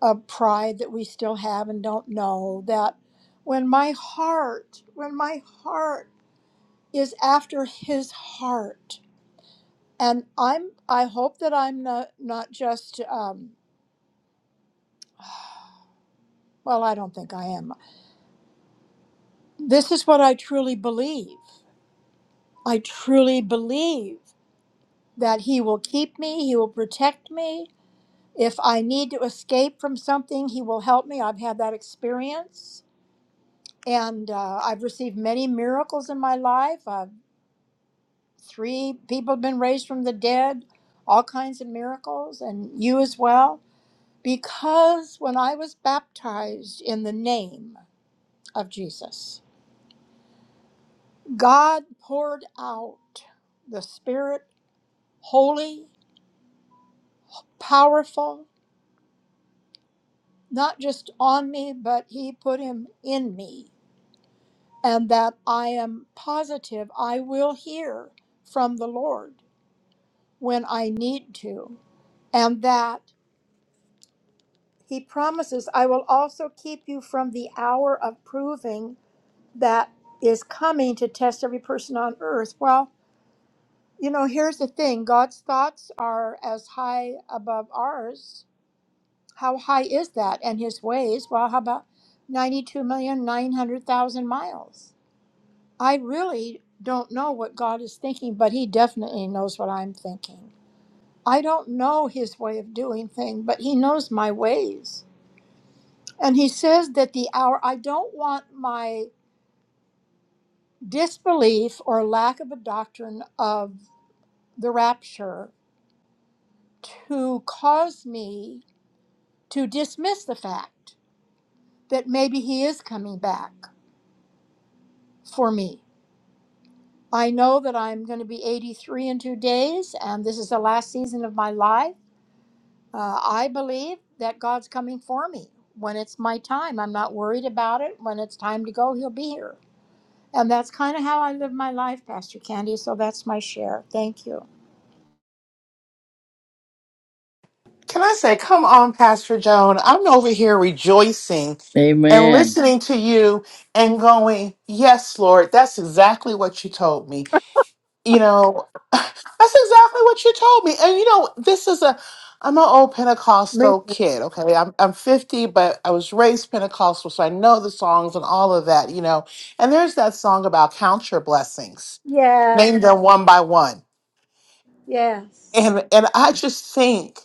Speaker 4: of pride that we still have and don't know, that when my heart, when my heart is after His heart, and I'm, I hope that I'm not, not just, um, well, I don't think I am. This is what I truly believe I truly believe that He will keep me, He will protect me. If I need to escape from something, He will help me. I've had that experience, and uh, I've received many miracles in my life. Uh, three people have been raised from the dead, all kinds of miracles, and you as well. Because when I was baptized in the name of Jesus, God poured out the Spirit, holy, powerful. not just on me, but he put him in me, and that I am positive I will hear from the Lord when I need to, and that he promises I will also keep you from the hour of proving that is coming to test every person on earth. Well, you know, here's the thing God's thoughts are as high above ours. How high is that? And his ways, well, how about 92,900,000 miles? I really don't know what God is thinking, but He definitely knows what I'm thinking. I don't know His way of doing things, but He knows my ways. And He says that the hour, I don't want my disbelief or lack of a doctrine of the rapture to cause me to dismiss the fact that maybe He is coming back for me. I know that I'm going to be 83 in two days, and this is the last season of my life. Uh, I believe that God's coming for me. When it's my time, I'm not worried about it. When it's time to go, He'll be here. And that's kind of how I live my life, Pastor Candy. So that's my share. Thank you.
Speaker 3: Can I say, come on, Pastor Joan? I'm over here rejoicing and
Speaker 2: amen
Speaker 3: listening to you and going, Yes, Lord, that's exactly what you told me. You know, [laughs] that's exactly what you told me. And you know, this is a I'm an old
Speaker 4: Me
Speaker 3: Pentecostal kid, okay? I'm I'm 50, but I was raised Pentecostal, so I know the songs and all of that, you know. And there's that song about count your blessings,
Speaker 4: Yeah,
Speaker 3: name them one by one.
Speaker 4: yes.
Speaker 3: And and I just think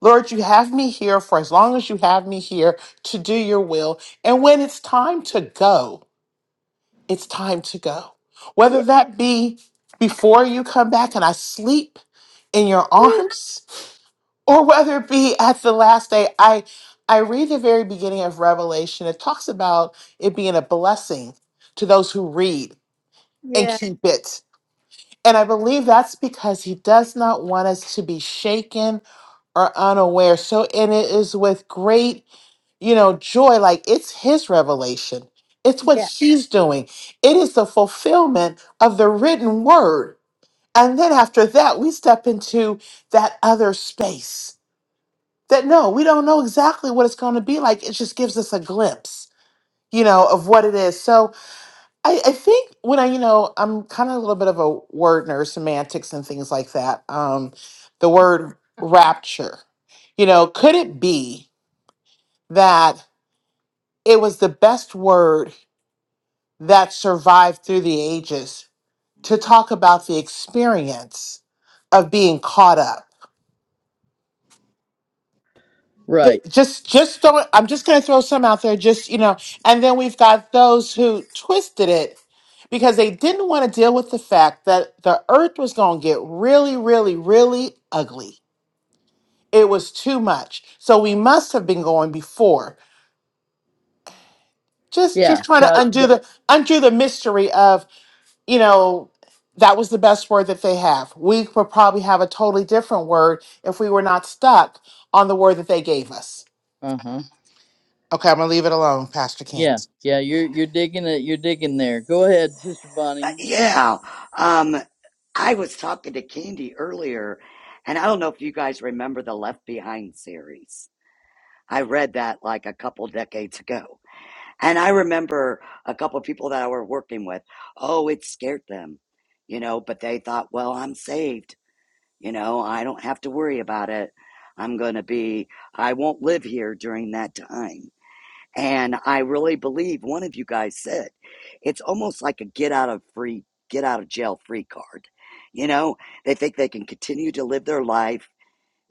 Speaker 3: Lord, you have me here for as long as you have me here to do your will. And when it's time to go, it's time to go.
Speaker 4: Yeah,
Speaker 3: Whether that be before you come back and I sleep in your arms, [laughs] or whether it be at the last day, I I read the very beginning of Revelation. It talks about it being a blessing to those who read and
Speaker 4: yeah,
Speaker 3: keep it. And I believe that's because he does not want us to be shaken or unaware. So, and it is with great you know joy like it's his revelation it's what
Speaker 4: yeah.
Speaker 3: he's doing it is the fulfillment of the written word and then after that we step into that other space that no we don't know exactly what it's going to be like it just gives us a glimpse you know of what it is so i, I think when i you know i'm kind of a little bit of a word nerd semantics and things like that um the word rapture you know could it be that it was the best word that survived through the ages to talk about the experience of being caught up. Ju-
Speaker 2: right
Speaker 3: Just, just don't. I'm just going to throw some out there, just you know. And then we've got those who twisted it because they didn't want to deal with the fact that the earth was going to get really, really, really ugly. It was too much. So we must have been going before. Just,
Speaker 2: yeah
Speaker 3: just trying to
Speaker 2: god
Speaker 3: undo the undo the mystery of. you know, that was the best word that they have. We would probably have a totally different word if we were not stuck on the word that they gave us.
Speaker 2: uh-huh
Speaker 3: Okay, I'm gonna leave it alone, Pastor Cam.
Speaker 2: yeah yeah you're you're digging it you're digging there go ahead sister
Speaker 1: Uh,
Speaker 2: bonnie
Speaker 1: yeah. Um, I was talking to Candy earlier, and I don't know if you guys remember the Left Behind series. I read that like a couple decades ago. And I remember a couple of people that I were working with, oh, it scared them, you know, but they thought, well, I'm saved, you know, I don't have to worry about it. I'm going to be, I won't live here during that time. And I really believe one of you guys said it's almost like a get out of free get out of jail free card. You know, they think they can continue to live their life,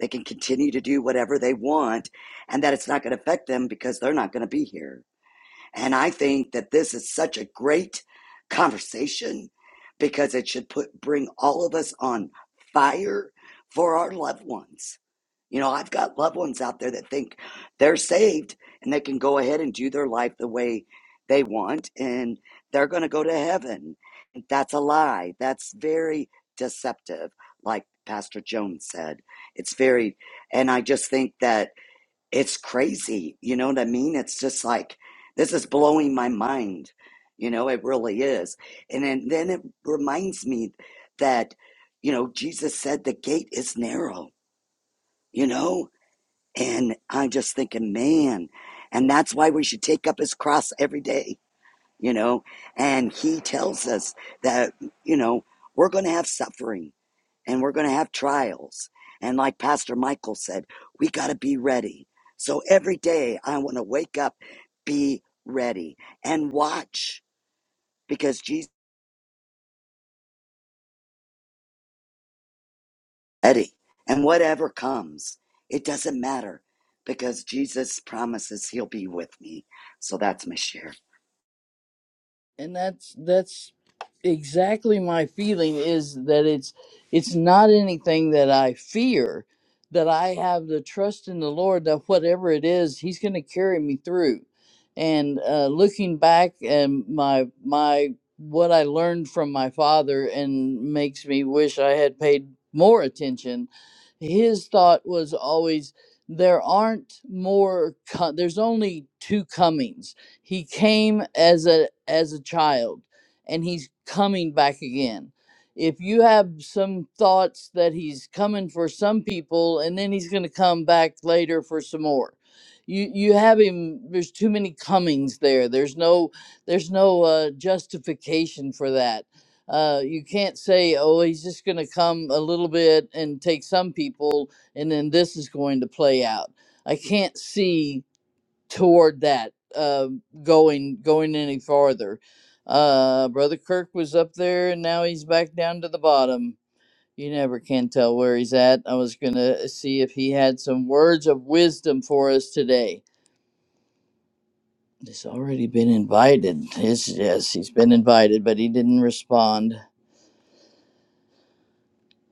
Speaker 1: they can continue to do whatever they want, and that it's not going to affect them because they're not going to be here. And I think that this is such a great conversation because it should put bring all of us on fire for our loved ones. You know, I've got loved ones out there that think they're saved and they can go ahead and do their life the way they want and they're going to go to heaven. And that's a lie. That's very deceptive, like Pastor Jones said. It's very, and I just think that it's crazy. You know what I mean? It's just like, this is blowing my mind. You know, it really is. And then, then it reminds me that, you know, Jesus said the gate is narrow, you know? And I'm just thinking, man, and that's why we should take up his cross every day, you know? And he tells us that, you know, we're going to have suffering and we're going to have trials. And like Pastor Michael said, we got to be ready. So every day I want to wake up, be ready, and watch because Jesus is ready. And whatever comes, it doesn't matter because Jesus promises he'll be with me. So that's my share.
Speaker 2: and that's that's exactly my feeling is that it's it's not anything that i fear that i have the trust in the lord that whatever it is he's going to carry me through and uh, looking back and my my what i learned from my father and makes me wish i had paid more attention his thought was always there aren't more co- there's only two comings he came as a as a child and he's coming back again. If you have some thoughts that he's coming for some people and then he's going to come back later for some more. You you have him there's too many comings there. There's no there's no uh, justification for that. Uh, you can't say, oh, he's just going to come a little bit and take some people, and then this is going to play out. I can't see toward that um going going any farther uh brother kirk was up there and now he's back down to the bottom you never can tell where he's at i was gonna see if he had some words of wisdom for us today he's already been invited yes yes he's been invited but he didn't respond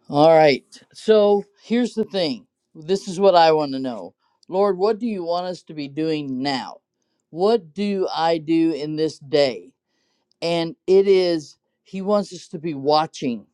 Speaker 2: all right so here's the thing this is what i want to know lord what do you want us to be doing now what do i do in this day and it is he wants us to be watching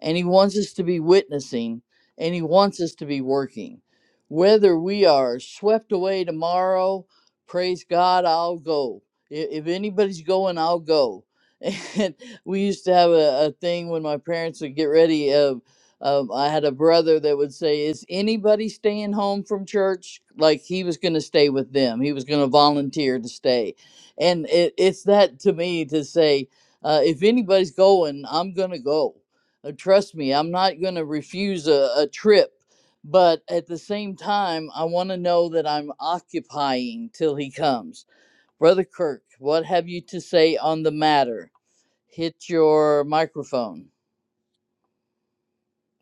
Speaker 2: and he wants us to be witnessing and he wants us to be working whether we are swept away tomorrow praise god i'll go I- if anybody's going i'll go [laughs] and we used to have a, a thing when my parents would get ready of um, i had a brother that would say is anybody staying home from church like he was going to stay with them he was going to volunteer to stay and it, it's that to me to say uh, if anybody's going i'm going to go uh, trust me, I'm not going to refuse a, a trip, but at the same time, I want to know that I'm occupying till he comes. Brother Kirk, what have you to say on the matter? Hit your microphone.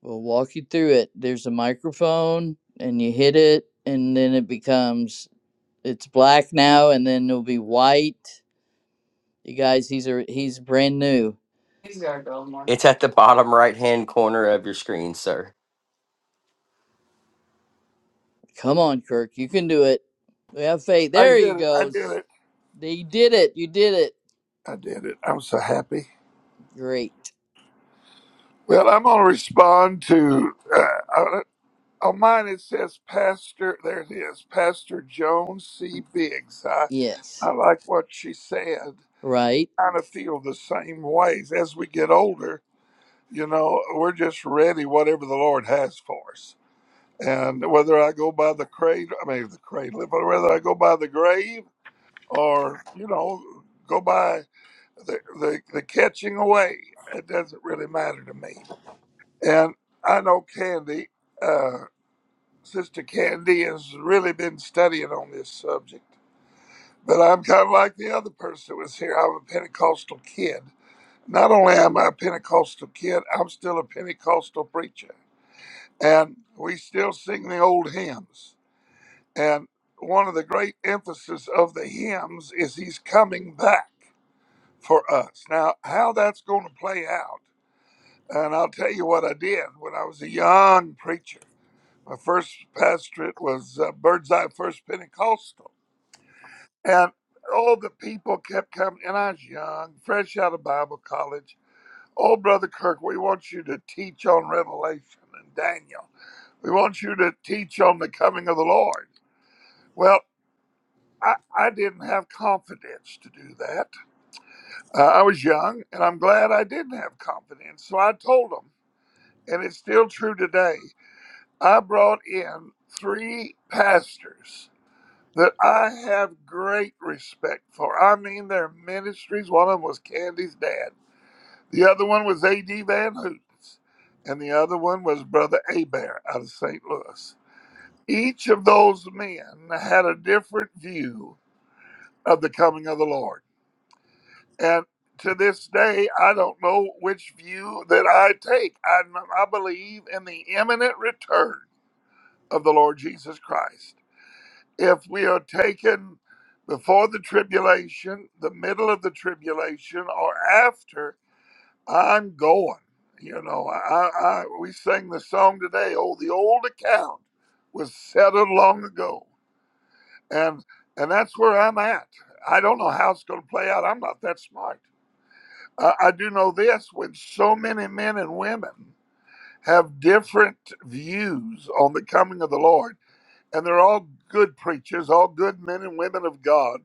Speaker 2: We'll walk you through it. There's a microphone, and you hit it, and then it becomes it's black now, and then it'll be white. You guys, he's a he's brand new.
Speaker 5: It's at the bottom right hand corner of your screen, sir.
Speaker 2: Come on, Kirk. You can do it. We have faith.
Speaker 6: I
Speaker 2: There
Speaker 6: did
Speaker 2: he
Speaker 6: it. I did
Speaker 2: goes.
Speaker 6: it.
Speaker 2: He did it. You did it.
Speaker 6: I did it. I'm so happy.
Speaker 2: Great.
Speaker 6: Well, I'm going to respond to uh, on on mine. It says Pastor. There it is, Pastor Joan C. Biggs. I
Speaker 2: Yes.
Speaker 6: I like what she said.
Speaker 2: Right.
Speaker 6: Kind of feel the same ways as we get older. You know, we're just ready whatever the Lord has for us. And whether I go by the cradle, I mean the cradle, but whether I go by the grave or you know go by the, the, the catching away, it doesn't really matter to me. And I know Candy, uh, Sister Candy, has really been studying on this subject. But I'm kind of like the other person that was here. I'm a Pentecostal kid. Not only am I a Pentecostal kid, I'm still a Pentecostal preacher. And we still sing the old hymns. And one of the great emphasis of the hymns is he's coming back for us. Now, how that's going to play out And I'll tell you what I did when I was a young preacher. My first pastorate was uh, Birdseye First Pentecostal. And all the people kept coming. And I was young, fresh out of Bible college. Oh, Brother Kirk, we want you to teach on Revelation and Daniel. We want you to teach on the coming of the Lord. Well, I, I didn't have confidence to do that. Uh, I was young, and I'm glad I didn't have confidence. So I told them, and it's still true today. I brought in three pastors that I have great respect for. I mean, their ministries. One of them was Candy's dad, the other one was A.D. Van Hooten's, and the other one was Brother Abair out of St. Louis. Each of those men had a different view of the coming of the Lord. And to this day, I don't know which view that I take. I, I believe in the imminent return of the Lord Jesus Christ. if we are taken before the tribulation, the middle of the tribulation, or after, I'm going. You know, I, I we sang the song today. Oh, the old account was settled long ago, and and that's where I'm at. I don't know how it's going to play out. I'm not that smart. I, I do know this: when so many men and women have different views on the coming of the Lord, and they're all good preachers, all good men and women of God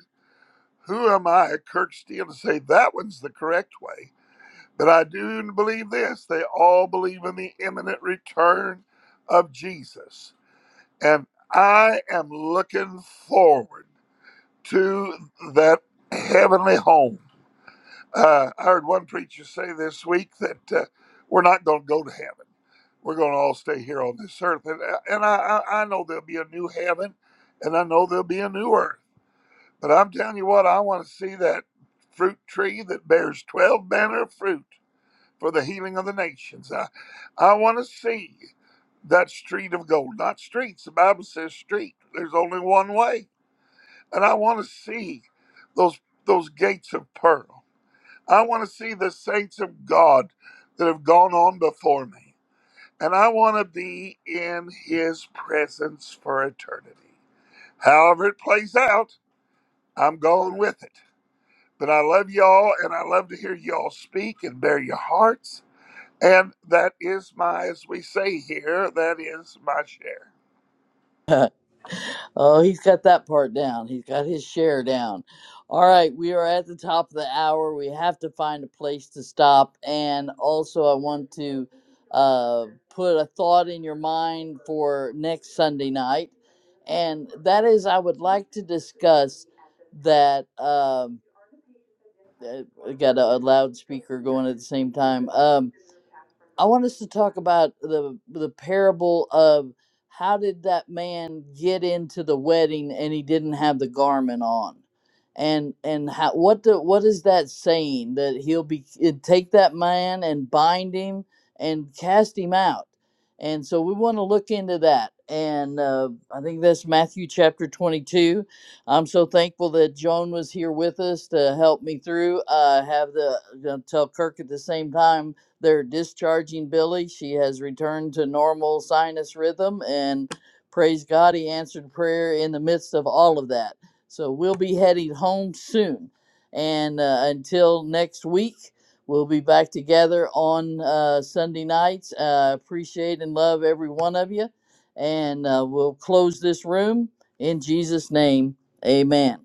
Speaker 6: Who am I, Kirk Steele, to say that one's the correct way? But I do believe this. They all believe in the imminent return of Jesus. And I am looking forward to that heavenly home. Uh, I heard one preacher say this week that uh, we're not going to go to heaven. We're going to all stay here on this earth. And, uh, and I, I I know there'll be a new heaven, and I know there'll be a new earth. But I'm telling you what, I want to see that fruit tree that bears 12 manner of fruit for the healing of the nations. I, I want to see that street of gold, not streets. The Bible says street. There's only one way. And I want to see those, those gates of pearl. I want to see the saints of God that have gone on before me. And I want to be in his presence for eternity. However, it plays out, I'm going with it. But I love y'all and I love to hear y'all speak and bear your hearts. And that is my, as we say here, that is my share.
Speaker 2: Oh, he's got that part down. He's got his share down. All right. We are at the top of the hour. We have to find a place to stop. And also, I want to uh, put a thought in your mind for next Sunday night. And that is, I would like to discuss that. Um, I got a, a loudspeaker going at the same time. Um, I want us to talk about the the parable of how did that man get into the wedding and he didn't have the garment on, and and how what the what is that saying that he'll be it- take that man and bind him and cast him out, and so we want to look into that. And uh, I think that's Matthew chapter 22. I'm so thankful that Joan was here with us to help me through. Uh, have the I'll tell Kirk at the same time they're discharging Billy. She has returned to normal sinus rhythm, and praise God, He answered prayer in the midst of all of that. So we'll be heading home soon. And uh, until next week, we'll be back together on uh, Sunday nights. Uh, appreciate and love every one of you. And uh, we'll close this room in Jesus' name. Amen.